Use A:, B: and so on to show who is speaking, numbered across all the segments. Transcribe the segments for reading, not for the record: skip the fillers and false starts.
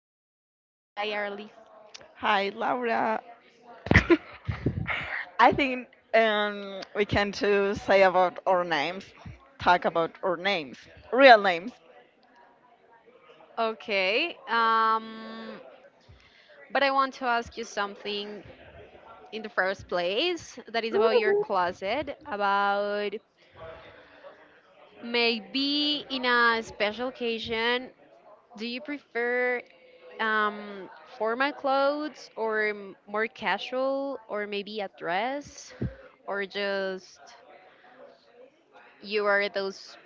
A: closet. Hi, Arlif.
B: Hi, Laura. I think we can too say about our names, talk about our names, real names.
A: Okay. But I want to ask you something in the first place that is about your
B: Woo.
A: closet. About maybe in a special occasion, do you prefer um, formal clothes or more casual or maybe a dress or just you are those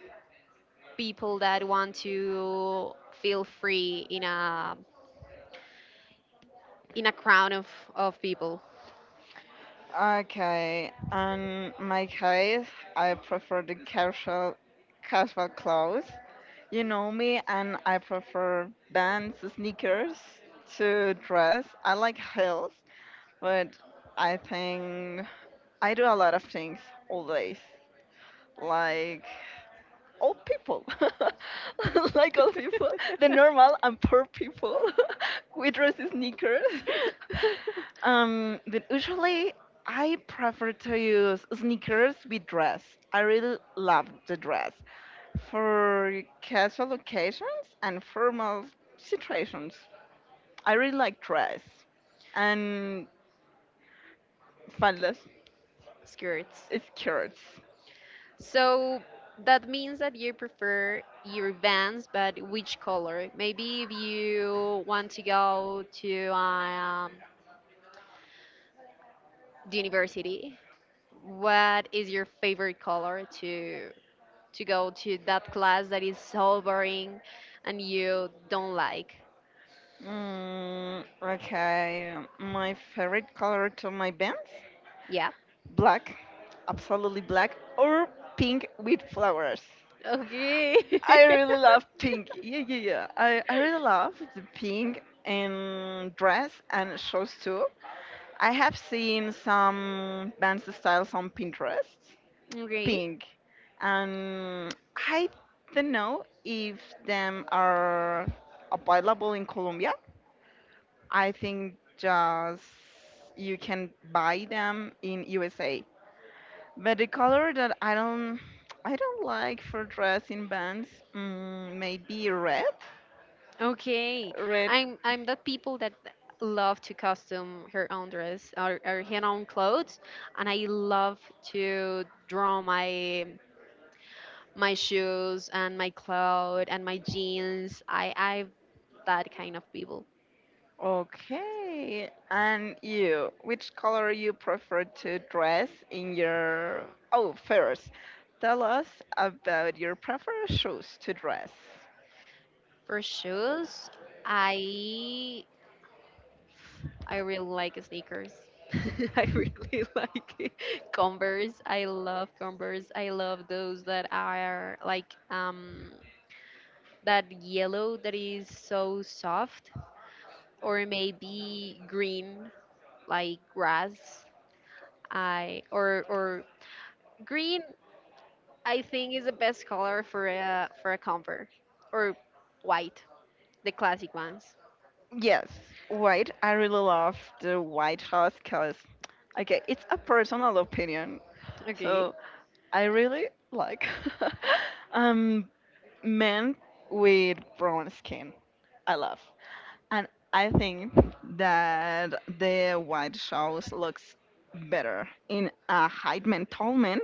A: people that want to feel free in a crowd of people.
B: Okay, in my case, I prefer the casual, casual clothes. You know me, and I prefer bands, sneakers to dress. I like heels, but I think I do a lot of things always, like. Old people, like old people, the normal and poor people. We dress in sneakers. But usually, I prefer to use sneakers with dress. I really love the dress for casual occasions and formal situations. I really like dress and faldas,
A: Skirts.
B: skirts.
A: So that means that you prefer your Vans, but which color? Maybe if you want to go to the university, what is your favorite color to go to that class that is so boring and you don't like?
B: Okay, my favorite color to my bands?
A: Yeah.
B: Black, absolutely black, or pink with flowers.
A: Okay.
B: I really love pink. Yeah, yeah, yeah. I really love the pink and dress and shoes too. I have seen some dance styles on Pinterest,
A: Okay.
B: pink, and I don't know if them are available in Colombia. I think just you can buy them in USA. But the color that I don't like for dressing bands, maybe red.
A: Okay.
B: Red.
A: I'm that people that love to custom her own dress or her own clothes and I love to draw my my shoes and my clothes and my jeans. I'm that kind of people.
B: Okay. And you, which color you prefer to dress in your Oh, first, tell us about your preferred shoes to dress.
A: For shoes, I I really like sneakers. I really like Converse. I love Converse. I love those that are like that yellow that is so soft or maybe green like grass. I or Green, I think, is the best color for a Converse or white, the classic ones.
B: Yes, white. I really love the white shoes because, okay, it's a personal opinion.
A: Okay.
B: So I really like. um, Men with brown skin. I love. And I think that the white shows looks better in a height man tall man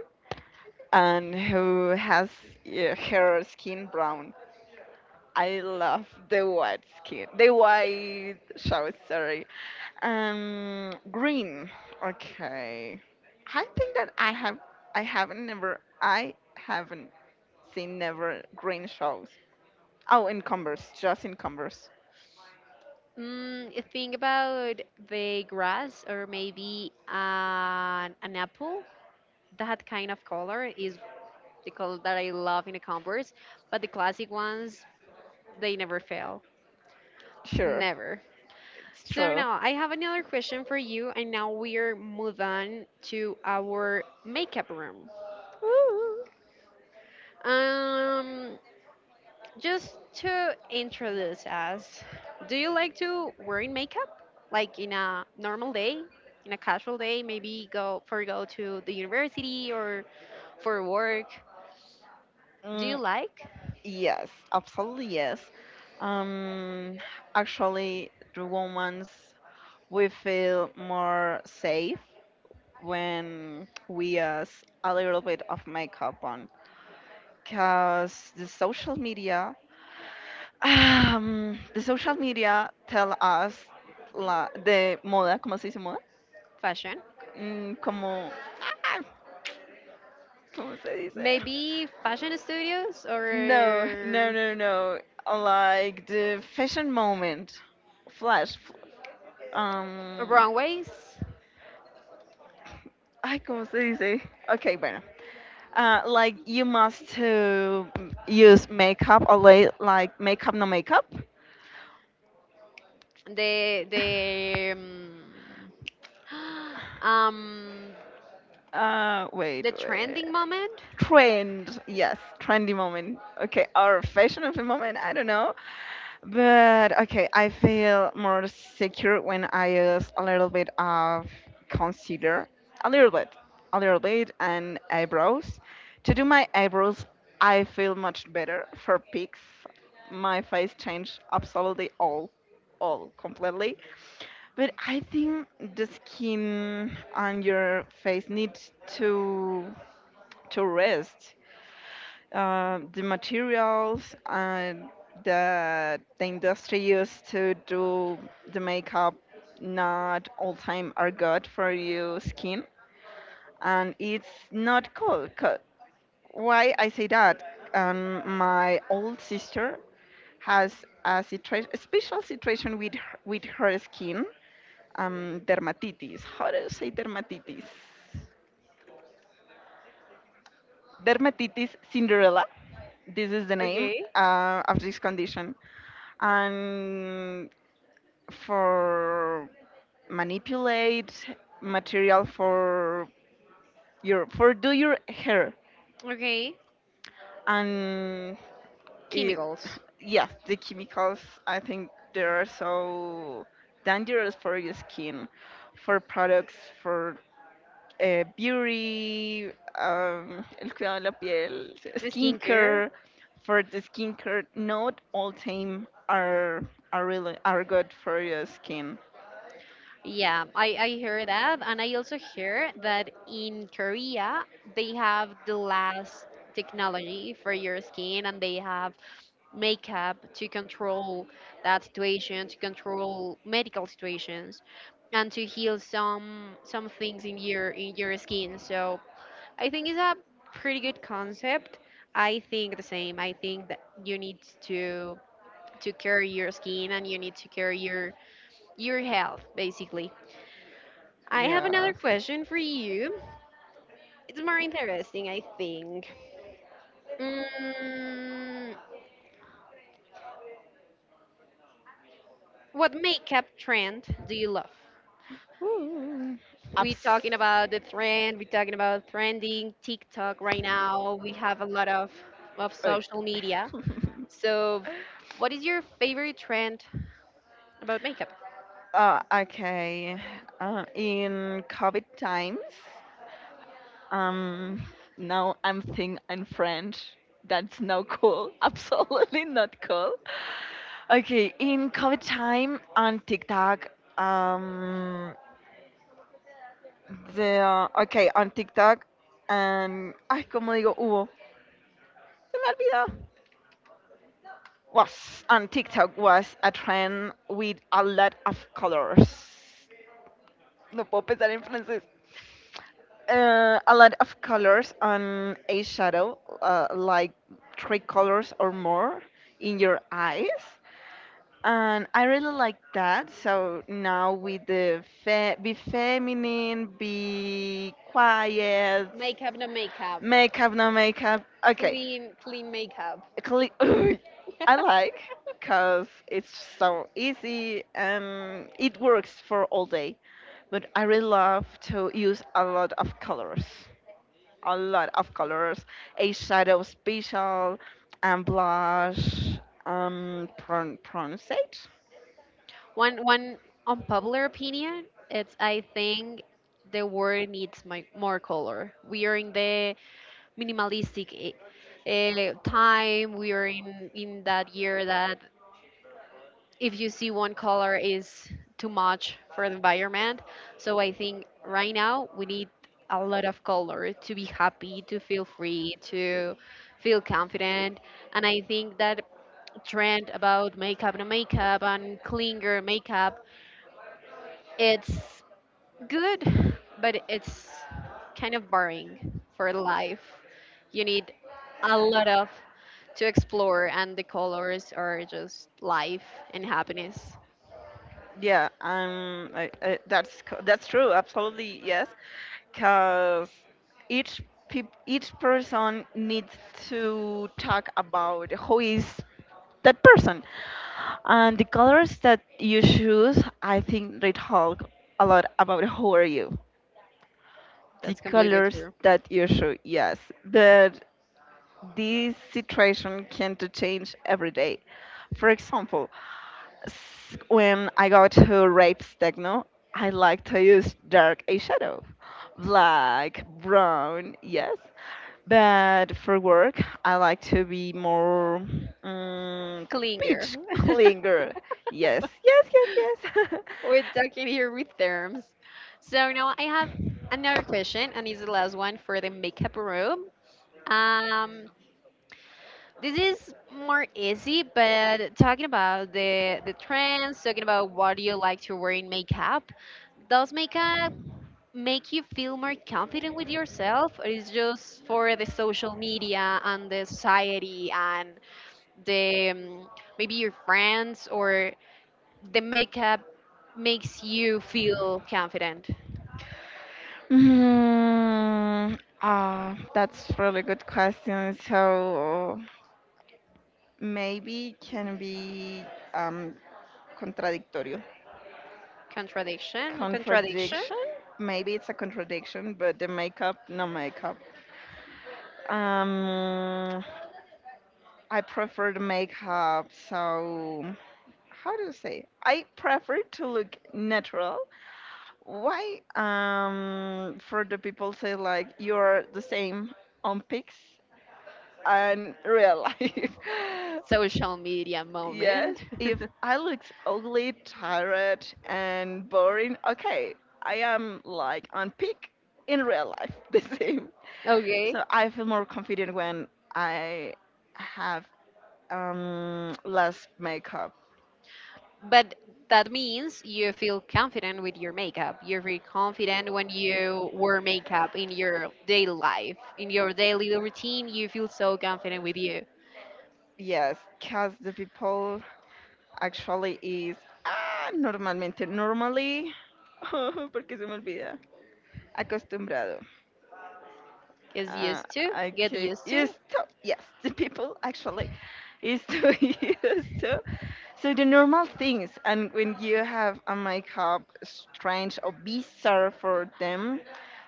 B: and who has her skin brown. I love the white skin, the white shows, sorry. Green. Okay. I think that I have, I haven't never, I haven't seen never green shows. Oh, in Converse, just in Converse.
A: Think about the grass or maybe an apple. That kind of color is the color that I love in the Converse, but the classic ones, they never fail.
B: Sure,
A: Never.
B: it's
A: So
B: true.
A: now I have another question for you, and now we're move on to our makeup room.
B: Ooh.
A: Um, Just to introduce us, do you like to wear in makeup? Like in a normal day, in a casual day, maybe go to the university or for work. Do you
B: Mm,
A: like
B: yes, absolutely yes. Um, Actually, the women's we feel more safe when we use a little bit of makeup on, cause the social media tell us la de moda, ¿cómo se dice moda?
A: fashion?
B: Mm, como, ah, ¿cómo se dice?
A: Maybe fashion studios
B: No, no,
A: or
B: no, no. Like the fashion moment. Flash. Um.
A: runways.
B: Ay, ¿cómo se dice? Okay, bueno. Like you must to use makeup or like makeup, no makeup.
A: The um
B: Wait,
A: the
B: wait.
A: trending moment.
B: Trend. Yes, trendy moment. Okay, or fashion of the moment. I don't know. But okay, I feel more secure when I use a little bit of concealer, a little bit, a little bit, and eyebrows. To do my eyebrows, I feel much better for pics. My face changed absolutely all completely. But I think the skin on your face needs to to rest the materials and that the industry used to do the makeup not all time are good for your skin and it's not cool 'cause- why I say that my old sister has a, a special situation with her skin, dermatitis, how do you say dermatitis, dermatitis cinderella, this is the name
A: Okay.
B: of this condition and for manipulate material for your for do your hair
A: Okay,
B: and it
A: chemicals,
B: yeah the chemicals I think they are so dangerous for your skin for products for beauty, el cuidado de la piel
A: skincare.
B: skincare for the skincare not all time are really are good for your skin.
A: Yeah, I hear that. And I also hear that in Korea, they have the last technology for your skin and they have makeup to control that situation, to control medical situations and to heal some things in your skin. So I think it's a pretty good concept. I think the same. I think that you need to care your skin and you need to care your health basically. I have another
B: Yes.
A: question for you. It's more interesting, I think. Mm, what makeup trend do you love?
B: Ooh.
A: We
B: Abs.
A: talking about the trend. We talking about trending TikTok right now. We have a lot of
B: Okay.
A: social media. So, what is your favorite trend about makeup?
B: Okay. In COVID times, um, now I'm thinking in French. That's no cool. Absolutely not cool. Okay, in COVID time on TikTok, um, De, ah, ok, on TikTok. And, ay, como digo, hubo. Se me olvidó. Was on TikTok was a trend with a lot of colors. No puedo pensar en francés. A lot of colors on a shadow, like three colors or more in your eyes. And I really like that. So now with the be feminine, be quiet,
A: Makeup, no makeup.
B: makeup, no makeup. Okay.
A: Clean, clean makeup.
B: Cle- I like because it's so easy and it works for all day. But I really love to use a lot of colors. A lot of colors. A shadow special and blush. Pronunciate?
A: One unpopular opinion, it's I think the world needs more color. We are in the minimalistic time. We are in that year that if you see one color is too much for the environment. So I think right now we need a lot of color to be happy, to feel free, to feel confident. And I think that trend about makeup and makeup and clinger makeup it's good, but it's kind of boring for life. You need a lot of to explore, and the colors are just life and happiness.
B: Yeah, I, that's that's true. Absolutely, yes. Because each each person needs to talk about who is that person, and the colors that you choose. I think they talk a lot about who are you, the
A: That's completely
B: colors
A: true.
B: that you choose. Yes, but this situation can to change every day. For example, when I go to rapes techno, I like to use dark eyeshadow, black, brown, yes. But for work, I like to be more mm
A: Klinger.
B: peach clinger. Yes, yes, yes, yes.
A: We're talking here with terms. So now I have another question, and it's the last one for the makeup room. Um, This is more easy, but talking about the trends, talking about what do you like to wear in makeup, does makeup make you feel more confident with yourself, or is just for the social media and the society and the maybe your friends or the makeup makes you feel confident?
B: Ah, that's really good question. So, maybe can be um, contradictorio.
A: Contradiction, a contradiction.
B: Contradiction? Maybe it's a contradiction, but the makeup, no makeup. Um, I prefer the makeup, so how do you say? I prefer to look natural. Why? For the people say like you're the same on pics and real life.
A: Social media
B: Yes,
A: moment.
B: if I look ugly, tired, and boring, okay, I am like on peak in real life, the same.
A: Okay.
B: So I feel more confident when I have less makeup.
A: But that means you feel confident with your makeup. You feel confident when you wear makeup in your daily life, in your daily routine. You feel so confident with you.
B: Yes, because the people actually is ah, normalmente, normally, porque se me olvida, acostumbrado.
A: Get
B: Uh,
A: used to, get
B: okay,
A: used to.
B: used to, yes, the people actually used to used to. So the normal things, and when you have a makeup strange or bizarre for them,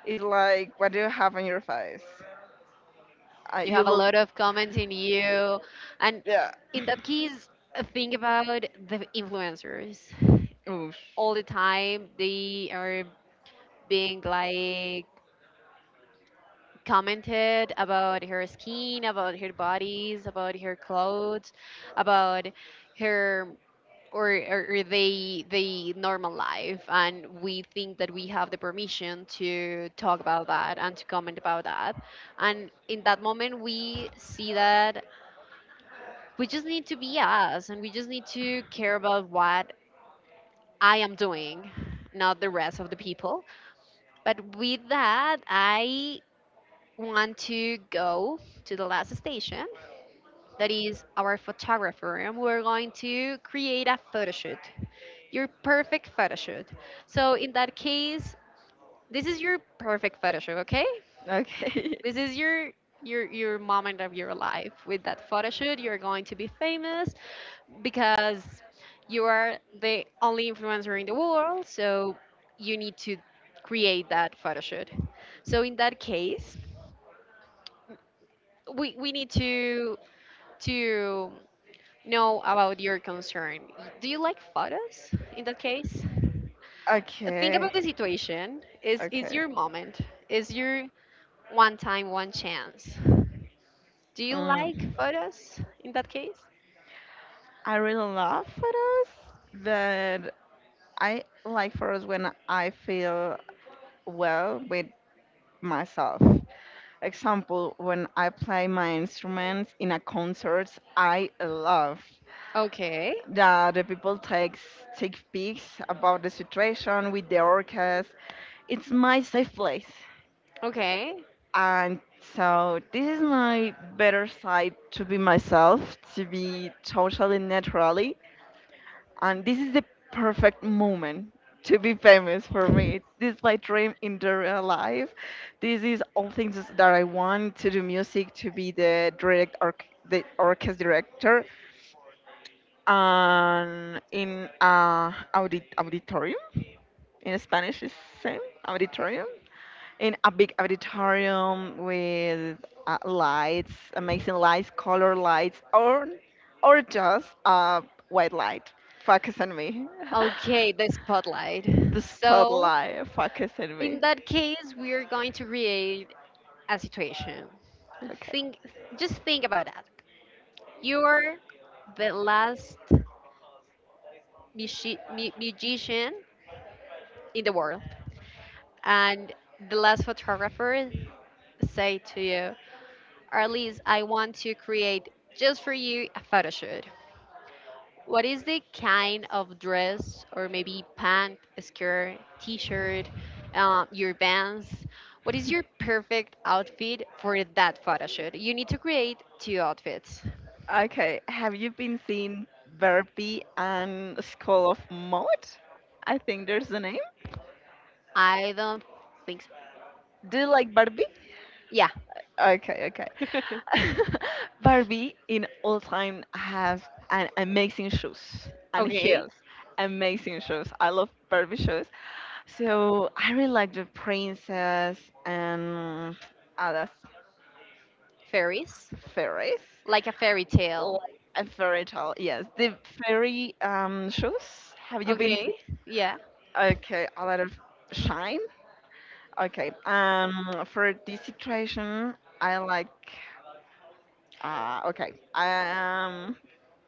B: is like what do you have on your face?
A: You
B: You
A: have a
B: look,
A: lot of comments in you, and
B: yeah.
A: in that case, think about the influencers.
B: Oof.
A: All the time, they are being like commented about her skin, about her bodies, about her clothes, about her or they normal life, and we think that we have the permission to talk about that and to comment about that, and in that moment we see that we just need to be us and we just need to care about what I am doing, not the rest of the people. But with that, I want to go to the last station, that is our photographer, and we're going to create a photo shoot, your perfect photo shoot. So in that case, this is your perfect photo shoot, okay?
B: Okay.
A: This is your your moment of your life. With that photo shoot, you're going to be famous because you are the only influencer in the world, so you need to create that photo shoot. So in that case, we need to know about your concern. Do you like photos in that case? Think
B: Okay.
A: about the situation. Is
B: Okay.
A: your moment? Is your one time, one chance? Do you like
B: Mm.
A: photos in that case?
B: I really love photos, but I like for us when I feel well with myself. Example, when I play my instruments in a concert, I love
A: Okay.
B: that the people takes take pics about the situation with the orchestra. It's my safe place,
A: Okay.
B: and so this is my better side to be myself, to be totally naturally. And this is the perfect moment to be famous for me. This is my dream in the real life. This is all things that I want to do music, to be the direct the orchestra director, and in a auditorium. In Spanish is same auditorium. In a big auditorium with lights, amazing lights, color lights, or just a white light. Focus on me.
A: Okay, the spotlight.
B: the
A: So,
B: spotlight focusing me.
A: in that case, we are going to create a situation.
B: Okay.
A: Think just think about that. You're the last musician in the world, and the last photographer say to you, Arlise, I want to create just for you a photo shoot. What is the kind of dress or maybe pant, skirt, t-shirt, your bands? What is your perfect outfit for that photo shoot? You need to create two outfits.
B: Okay. Have you been seeing Barbie and School of Mode? I think there's the name.
A: I don't think so.
B: Do you like Barbie?
A: Yeah.
B: Okay, okay. Barbie in all time has an amazing shoes and
A: Okay.
B: heels. Amazing shoes. I love Barbie shoes. So I really like the princess and others.
A: Fairies.
B: Fairies.
A: Like a fairy
B: L-
A: tale.
B: A fairy tale. Yes, the fairy shoes. Have you been
A: Okay.
B: see?
A: Yeah.
B: Okay, a lot of shine. Okay. For this situation, I like. Okay. I.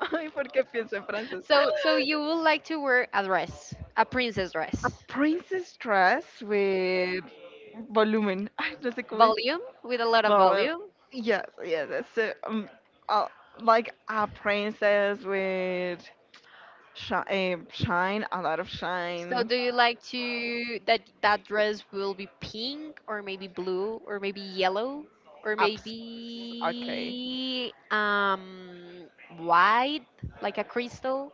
B: Ay, ¿por qué pienso en francés?
A: So, so you would like to wear a dress, a princess
B: A
A: dress,
B: princess dress with volumen. Ay, no sé cómo es.
A: volume with a lot of
B: Volume.
A: volume.
B: Yes, yes. It's, uh, like a princess with shine, shine, a lot of
A: So,
B: shine.
A: do you like to that that dress will be pink or maybe blue or maybe yellow or
B: Abs- okay,
A: maybe white, like a crystal,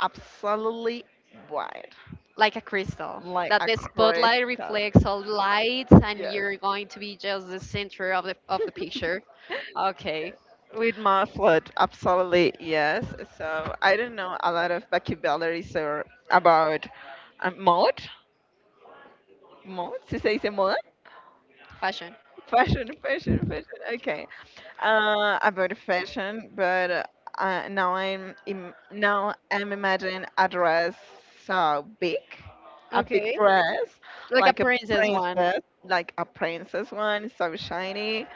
B: absolutely white,
A: like a crystal
B: like
A: that
B: a
A: the spotlight
B: crystal.
A: reflects all the lights and
B: Yes.
A: you're going to be just the center of the picture. Okay,
B: Yes. With my foot, absolutely yes. So I don't know a lot of vocabularies or about mode. Mode? Se dice moda?
A: fashion.
B: Fashion, fashion, fashion. Okay. About fashion, but now I'm imagining a dress so big, a big
A: Okay,
B: dress,
A: like a princess one.
B: like a princess one, so shiny,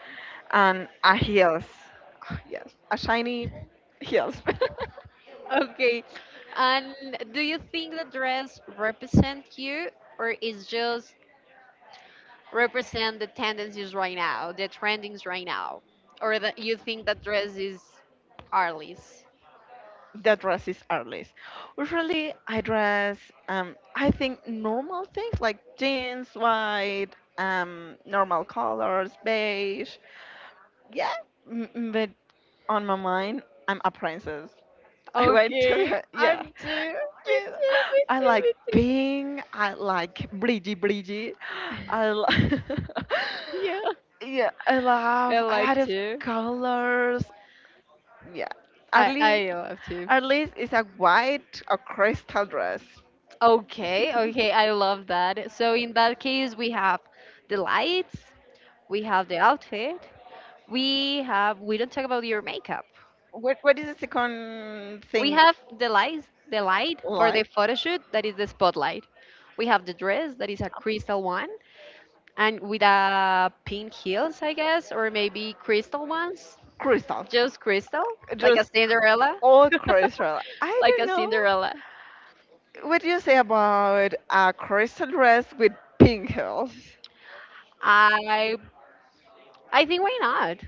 B: and a heels. Ah, yes, a shiny heels.
A: Okay. And do you think the dress represent you or is just represent the tendencies right now, the trendings right now? Or that you think that dress is Arliss?
B: The dress is artless. Usually, I dress, I think, normal things like jeans, white, normal colors, beige. Yeah, but on my mind, I'm a princess. I went to,
A: Okay,
B: a- yeah,
A: I'm too. Me
B: yeah.
A: too, me
B: I
A: too,
B: like
A: me too.
B: pink. I like bridgy, bridgy. I li-
A: Yeah.
B: yeah, I
A: I
B: love a lot
A: like
B: of
A: to.
B: colors. Yeah, at least
A: I love to.
B: at least it's a white or crystal dress.
A: Okay, okay, I love that. So in that case, we have the lights, we have the outfit, we have, we don't talk about your makeup.
B: What is the second
A: We
B: thing
A: have the lights, the light for the
B: like?
A: photo shoot that is the spotlight. We have the dress that is a crystal one and with a pink heels, I guess, or maybe crystal ones.
B: Crystal.
A: Just crystal, like a
B: Just
A: Cinderella,
B: all crystal. I
A: like
B: don't
A: a
B: know.
A: Cinderella.
B: What do you say about a crystal dress with pink heels?
A: I I think why not?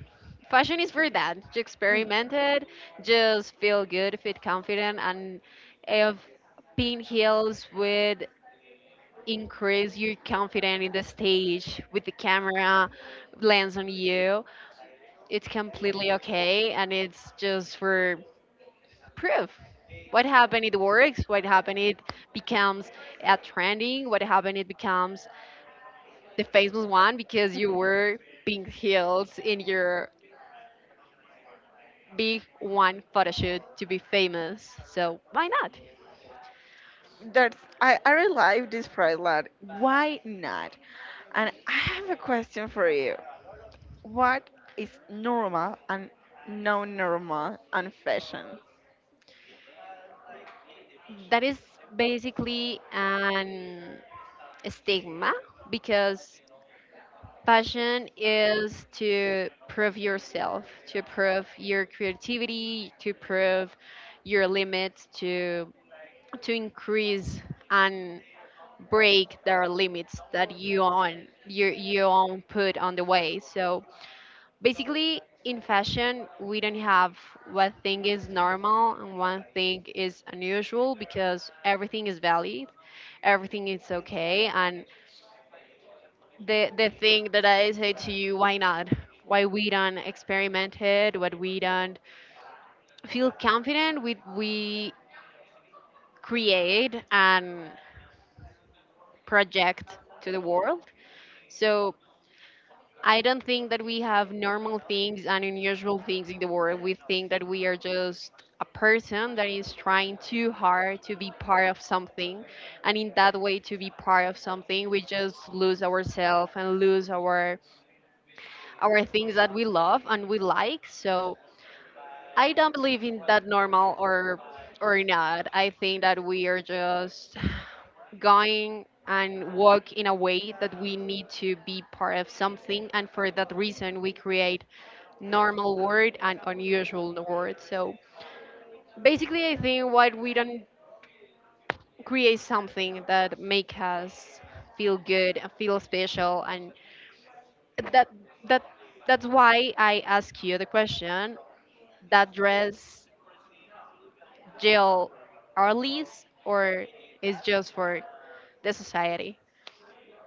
A: Fashion is for that. Just
B: Mm.
A: experiment it. Just feel good, feel confident, and if pink heels with increase your confidence in the stage with the camera lens on you. It's completely okay and it's just for proof. What happened it works, what happened it becomes a trending, what happened it becomes the famous one because you were pink heels in your big one photo shoot to be famous. So why not?
B: That's I really like this pride lot. Why not? And I have a question for you. What is normal and non-normal and fashion?
A: That is basically an stigma because passion is to prove yourself, to prove your creativity, to prove your limits, to increase and break their limits that you own put on the way. So basically in fashion we don't have what thing is normal and one thing is unusual, because everything is valid, everything is okay. And the thing that I say to you, why not? Why we don't experiment it? What we don't feel confident with? We create and project to the world. So I don't think that we have normal things and unusual things in the world. We think that we are just a person that is trying too hard to be part of something, and in that way to be part of something we just lose ourselves and lose our things that we love and we like. So I don't believe in that normal or not. I think that we are just going and walk in a way that we need to be part of something, and for that reason we create normal word and unusual word. So basically I think why we don't create something that make us feel good and feel special and that that that's why I ask you the question, that dress Jill Arliss or is just for the society?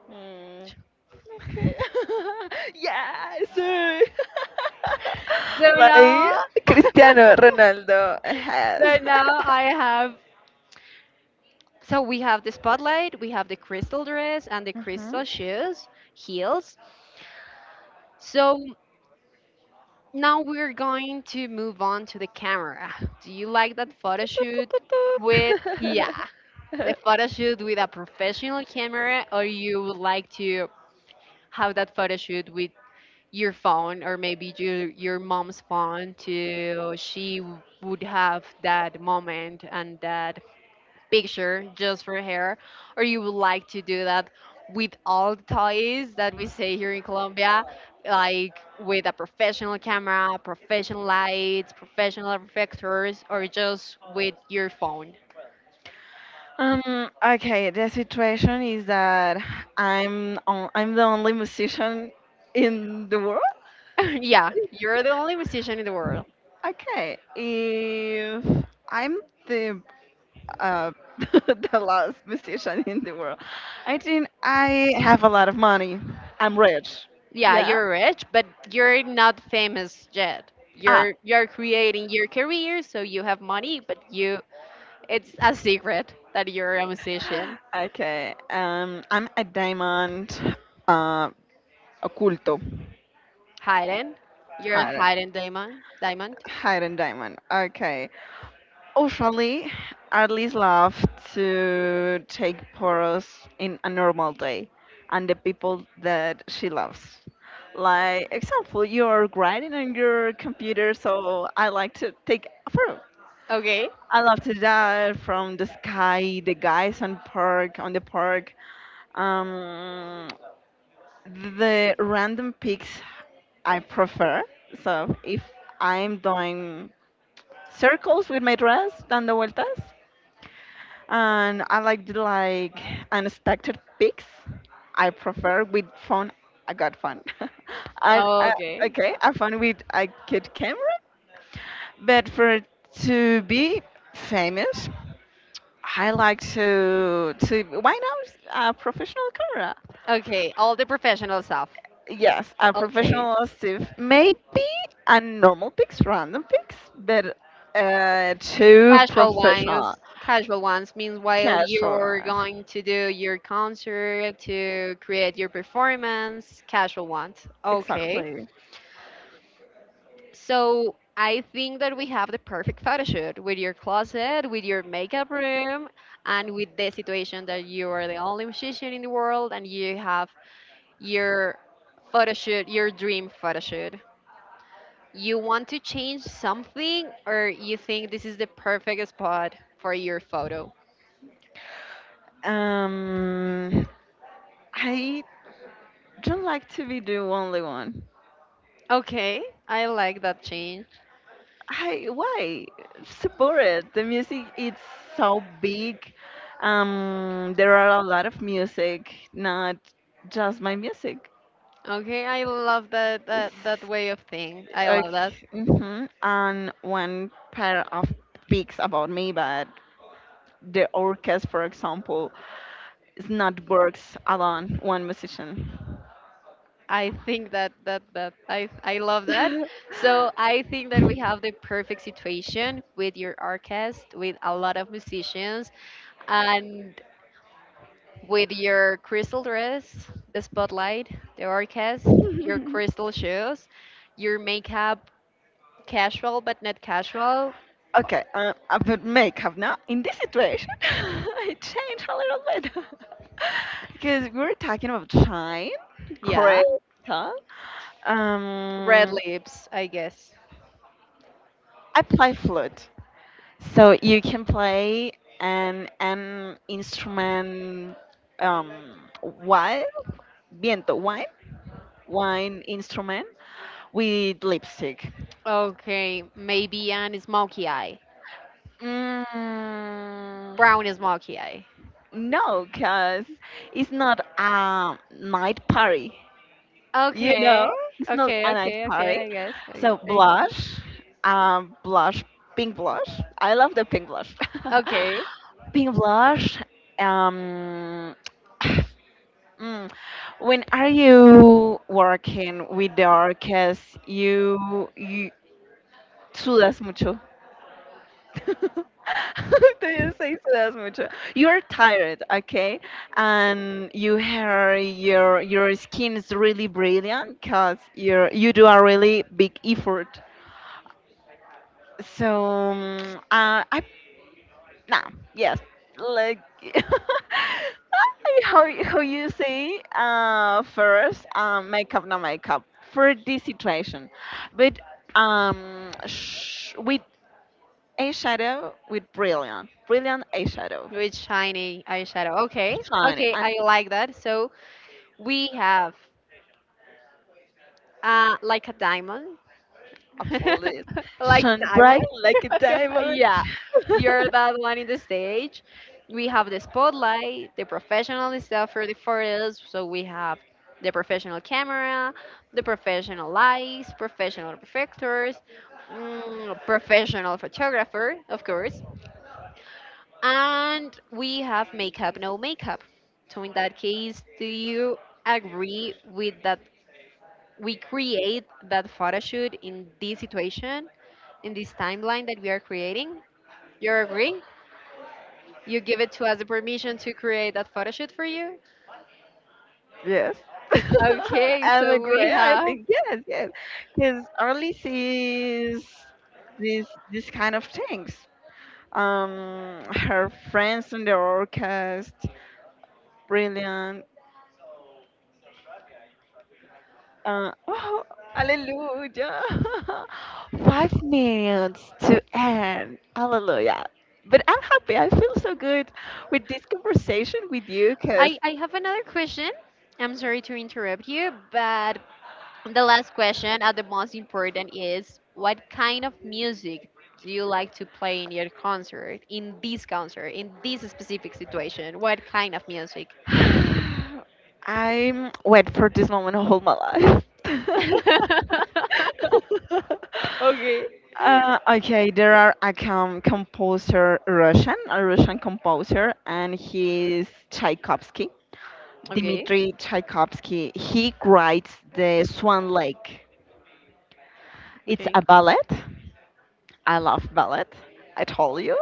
B: Hmm. Okay. yes.
A: So now,
B: like Cristiano Ronaldo has.
A: so now I have. So we have the spotlight, we have the crystal dress, and the crystal shoes, heels. So now we're going to move on to the camera. Do you
B: Uh-huh.
A: like that photo shoot with, yeah, the photo shoot with a professional camera, or you would like to have that photo shoot with your phone or maybe your mom's phone to would have that moment and that picture just for her, or you would like to do that with all the toys that we say here in Colombia, like with a professional camera, professional lights, professional reflectors, or just with your phone?
B: Okay, the situation is that I'm the only musician in the world.
A: Yeah, you're the only musician in the world.
B: Okay, if I'm the uh, the last musician in the world, I think I have a lot of money. I'm rich.
A: Yeah,
B: Yeah.
A: you're rich, but you're not famous yet.
B: Ah.
A: You're creating your career, so you have money, but you, it's a secret that you're a musician.
B: Okay. I'm a diamond, uh, occulto,
A: Hidden. You're a
B: hidden,
A: hidden diamond. Diamond.
B: hidden diamond. Okay. Usually, at least love to take photos in a normal day and the people that she loves. Like, example, you're grinding on your computer, so I like to take a photo.
A: Okay,
B: I love to that from the sky, the guys on park, on the park, um, the random pics I prefer. So if I'm doing circles with my dress, dando vueltas, and I like the, like unexpected pics. I prefer with phone. I got fun. I
A: okay,
B: okay. I found with a good camera, but for to be famous, I like to why not a professional camera?
A: okay, all the professional stuff.
B: Yes, a
A: Okay,
B: professional Steve. Maybe a normal pics, random pics, but too
A: casual
B: professional,
A: ones. Casual ones means while
B: casual.
A: you're going to do your concert, to create your performance, casual ones. Okay.
B: Exactly.
A: So I think that we have the perfect photo shoot with your closet, with your makeup room, and with the situation that you are the only musician in the world and you have your photo shoot, your dream photo shoot. You want to change something, or you think this is the perfect spot for your photo?
B: Um, I don't like to be the only one.
A: Okay, I like that change.
B: I why support it? The music it's so big. There are a lot of music, not just my music.
A: Okay, I love that
B: S-
A: that, that way of thing. I love that.
B: Okay, hmm. And one pair of peaks about me, but the orchestra, for example, is not works alone, one musician.
A: I think that that I love that. So I think that we have the perfect situation with your orchestra, with a lot of musicians, and with your crystal dress, the spotlight, the orchestra, your crystal shoes, your makeup, casual but not casual.
B: Okay, about makeup now. In this situation, I changed a little bit because we are talking about shine, cream,
A: Yeah.
B: huh?
A: Red
B: Um,
A: lips, I guess.
B: I play flute, so you can play an instrument, um, while viento, wine, wine instrument with lipstick.
A: Okay, maybe an smoky eye.
B: Mm,
A: Brown smoky eye.
B: no, because it's not a night party. You
A: Okay,
B: know, it's not
A: okay,
B: a night
A: okay, okay,
B: party.
A: I guess. I
B: So
A: guess.
B: blush, blush, pink blush. I love the pink blush.
A: Okay,
B: Pink blush. Um, mm, when are you working with the orcas? You sudas mucho. Te se das mucho. You are tired, okay? And you hair your skin is really brilliant because you do a really big effort. So mm, I nah yes like how you say first makeup no makeup for this situation, but with eyeshadow with brilliant eyeshadow.
A: with shiny eyeshadow. Okay,
B: Shine
A: okay,
B: and
A: I like that. So we have like a diamond,
B: absolute
A: like
B: shine
A: diamond.
B: bright like a diamond.
A: Yeah, you're that one in the stage. We have the spotlight, the professional stuff for the photos. So we have the professional camera, the professional lights, professional reflectors, mm, professional photographer, of course. And we have makeup, no makeup. So in that case, do you agree with that we create that photo shoot in this situation, in this timeline that we are creating? You agree? You give it to us the permission to create that photo shoot for you?
B: Yes.
A: Okay,
B: I'm a
A: so we
B: gray, I
A: have,
B: think yes, yes. Because Arlie sees these kind of things. Her friends in the orchestra, brilliant. Oh, hallelujah! 5 minutes to end. Hallelujah. But I'm happy. I feel so good with this conversation with you because
A: I have another question. I'm sorry to interrupt you, but the last question, and the most important, is what kind of music do you like to play in your concert, in this specific situation? What kind of music?
B: I wait for this moment all my life.
A: Okay.
B: Okay, there are a composer, Russian, a Russian composer, and he's Tchaikovsky,
A: Okay.
B: Dmitri Tchaikovsky. He writes the Swan Lake. It's
A: Okay.
B: a ballet. I love ballet. I told you.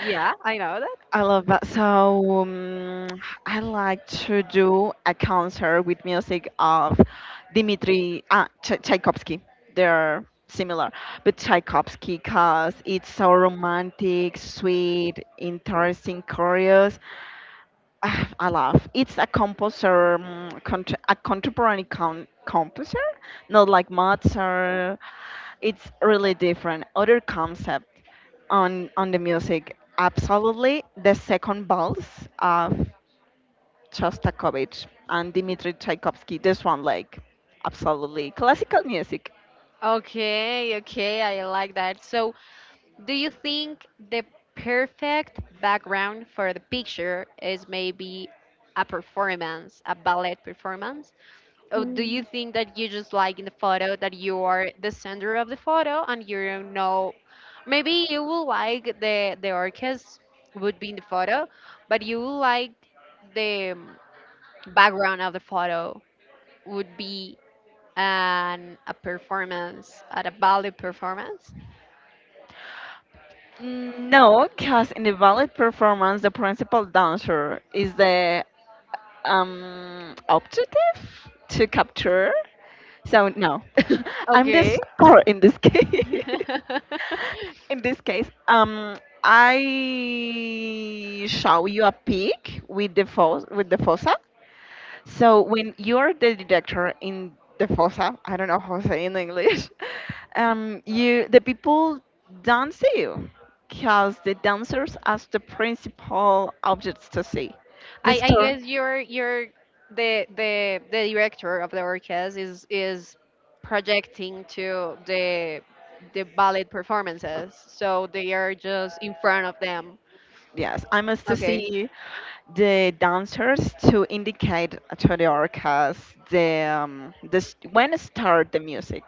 A: Yeah, I know that.
B: I love that. So I like to do a concert with music of Dmitri Tchaikovsky. They're similar, but Tchaikovsky because it's so romantic, sweet, interesting, curious. Ah, I love. It's a composer, a contemporary composer, not like Mozart. It's really different, other concept on the music, absolutely. The second balls of Shostakovich and Dmitri Tchaikovsky, this one, like, absolutely classical music.
A: Okay, okay, I like that. So, do you think the perfect background for the picture is maybe a performance, a ballet performance? Oh, do you think that you just like in the photo that you are the center of the photo and you don't know? Maybe you will like the orchestra would be in the photo, but you will like the background of the photo would be an a performance at a ballet performance.
B: Mm, no, because in the ballet performance the principal dancer is the objective to capture. So no, I'm the
A: Okay.
B: star in this case. In this case, I show you a pic with the with the fossa. So when you're the director in the fossa, I don't know how to say in English, you the people don't see you because the dancers as the principal objects to see. The
A: I
B: star.
A: guess your the director of the orchestra is projecting to the ballet performances, so they are just in front of them.
B: Yes, I must
A: Okay.
B: see the dancers to indicate to the orcas the when start the music.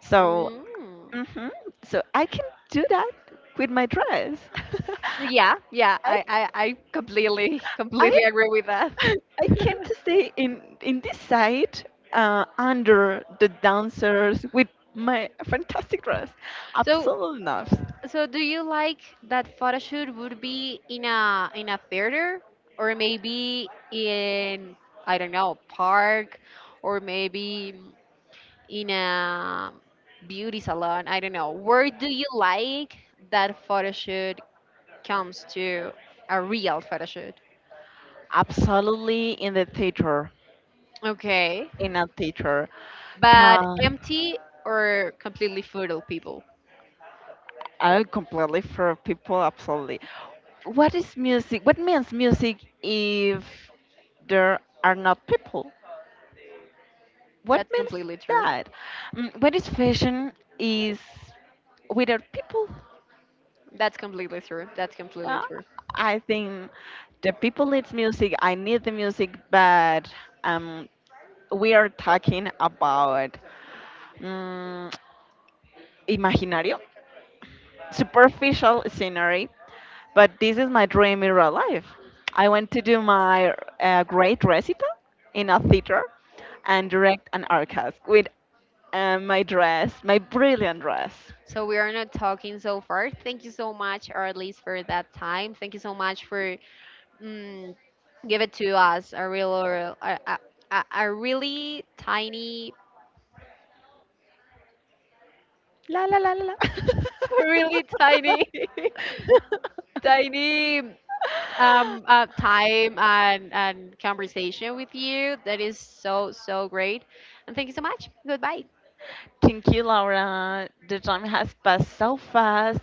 B: So,
A: Mm.
B: mhm, so I can do that with my dress.
A: Yeah, yeah,
B: I
A: I completely
B: I
A: completely agree with that.
B: I came to stay in this side under the dancers with my fantastic dress.
A: So
B: Absolutely not.
A: so do you like that photo shoot would be in a theater, or maybe in, I don't know, park, or maybe in a beauty salon. I don't know. Where do you like that photo shoot comes to a real photo shoot?
B: Absolutely in the theater.
A: Okay.
B: In a theater,
A: But
B: Ca-
A: empty or completely full people?
B: I completely for people, absolutely. What is music? What means music if there are not people? What
A: That's
B: means
A: completely true.
B: that? Mm, what is fashion is without people?
A: That's completely true. That's completely
B: Uh,
A: true.
B: I think the people needs music. I need the music, but um, we are talking about um, imaginario, superficial scenery, but this is my dream in real life. I want to do my great recital in a theater and direct an orchestra with my dress, my brilliant dress.
A: So we are not talking so far. Thank you so much, or at least for that time. Thank you so much for, mm, give it to us a real, a really tiny,
B: La la la la la.
A: really tiny, I need time and conversation with you. That is so so great. And thank you so much. Goodbye.
B: Thank you, Laura. The time has passed so fast,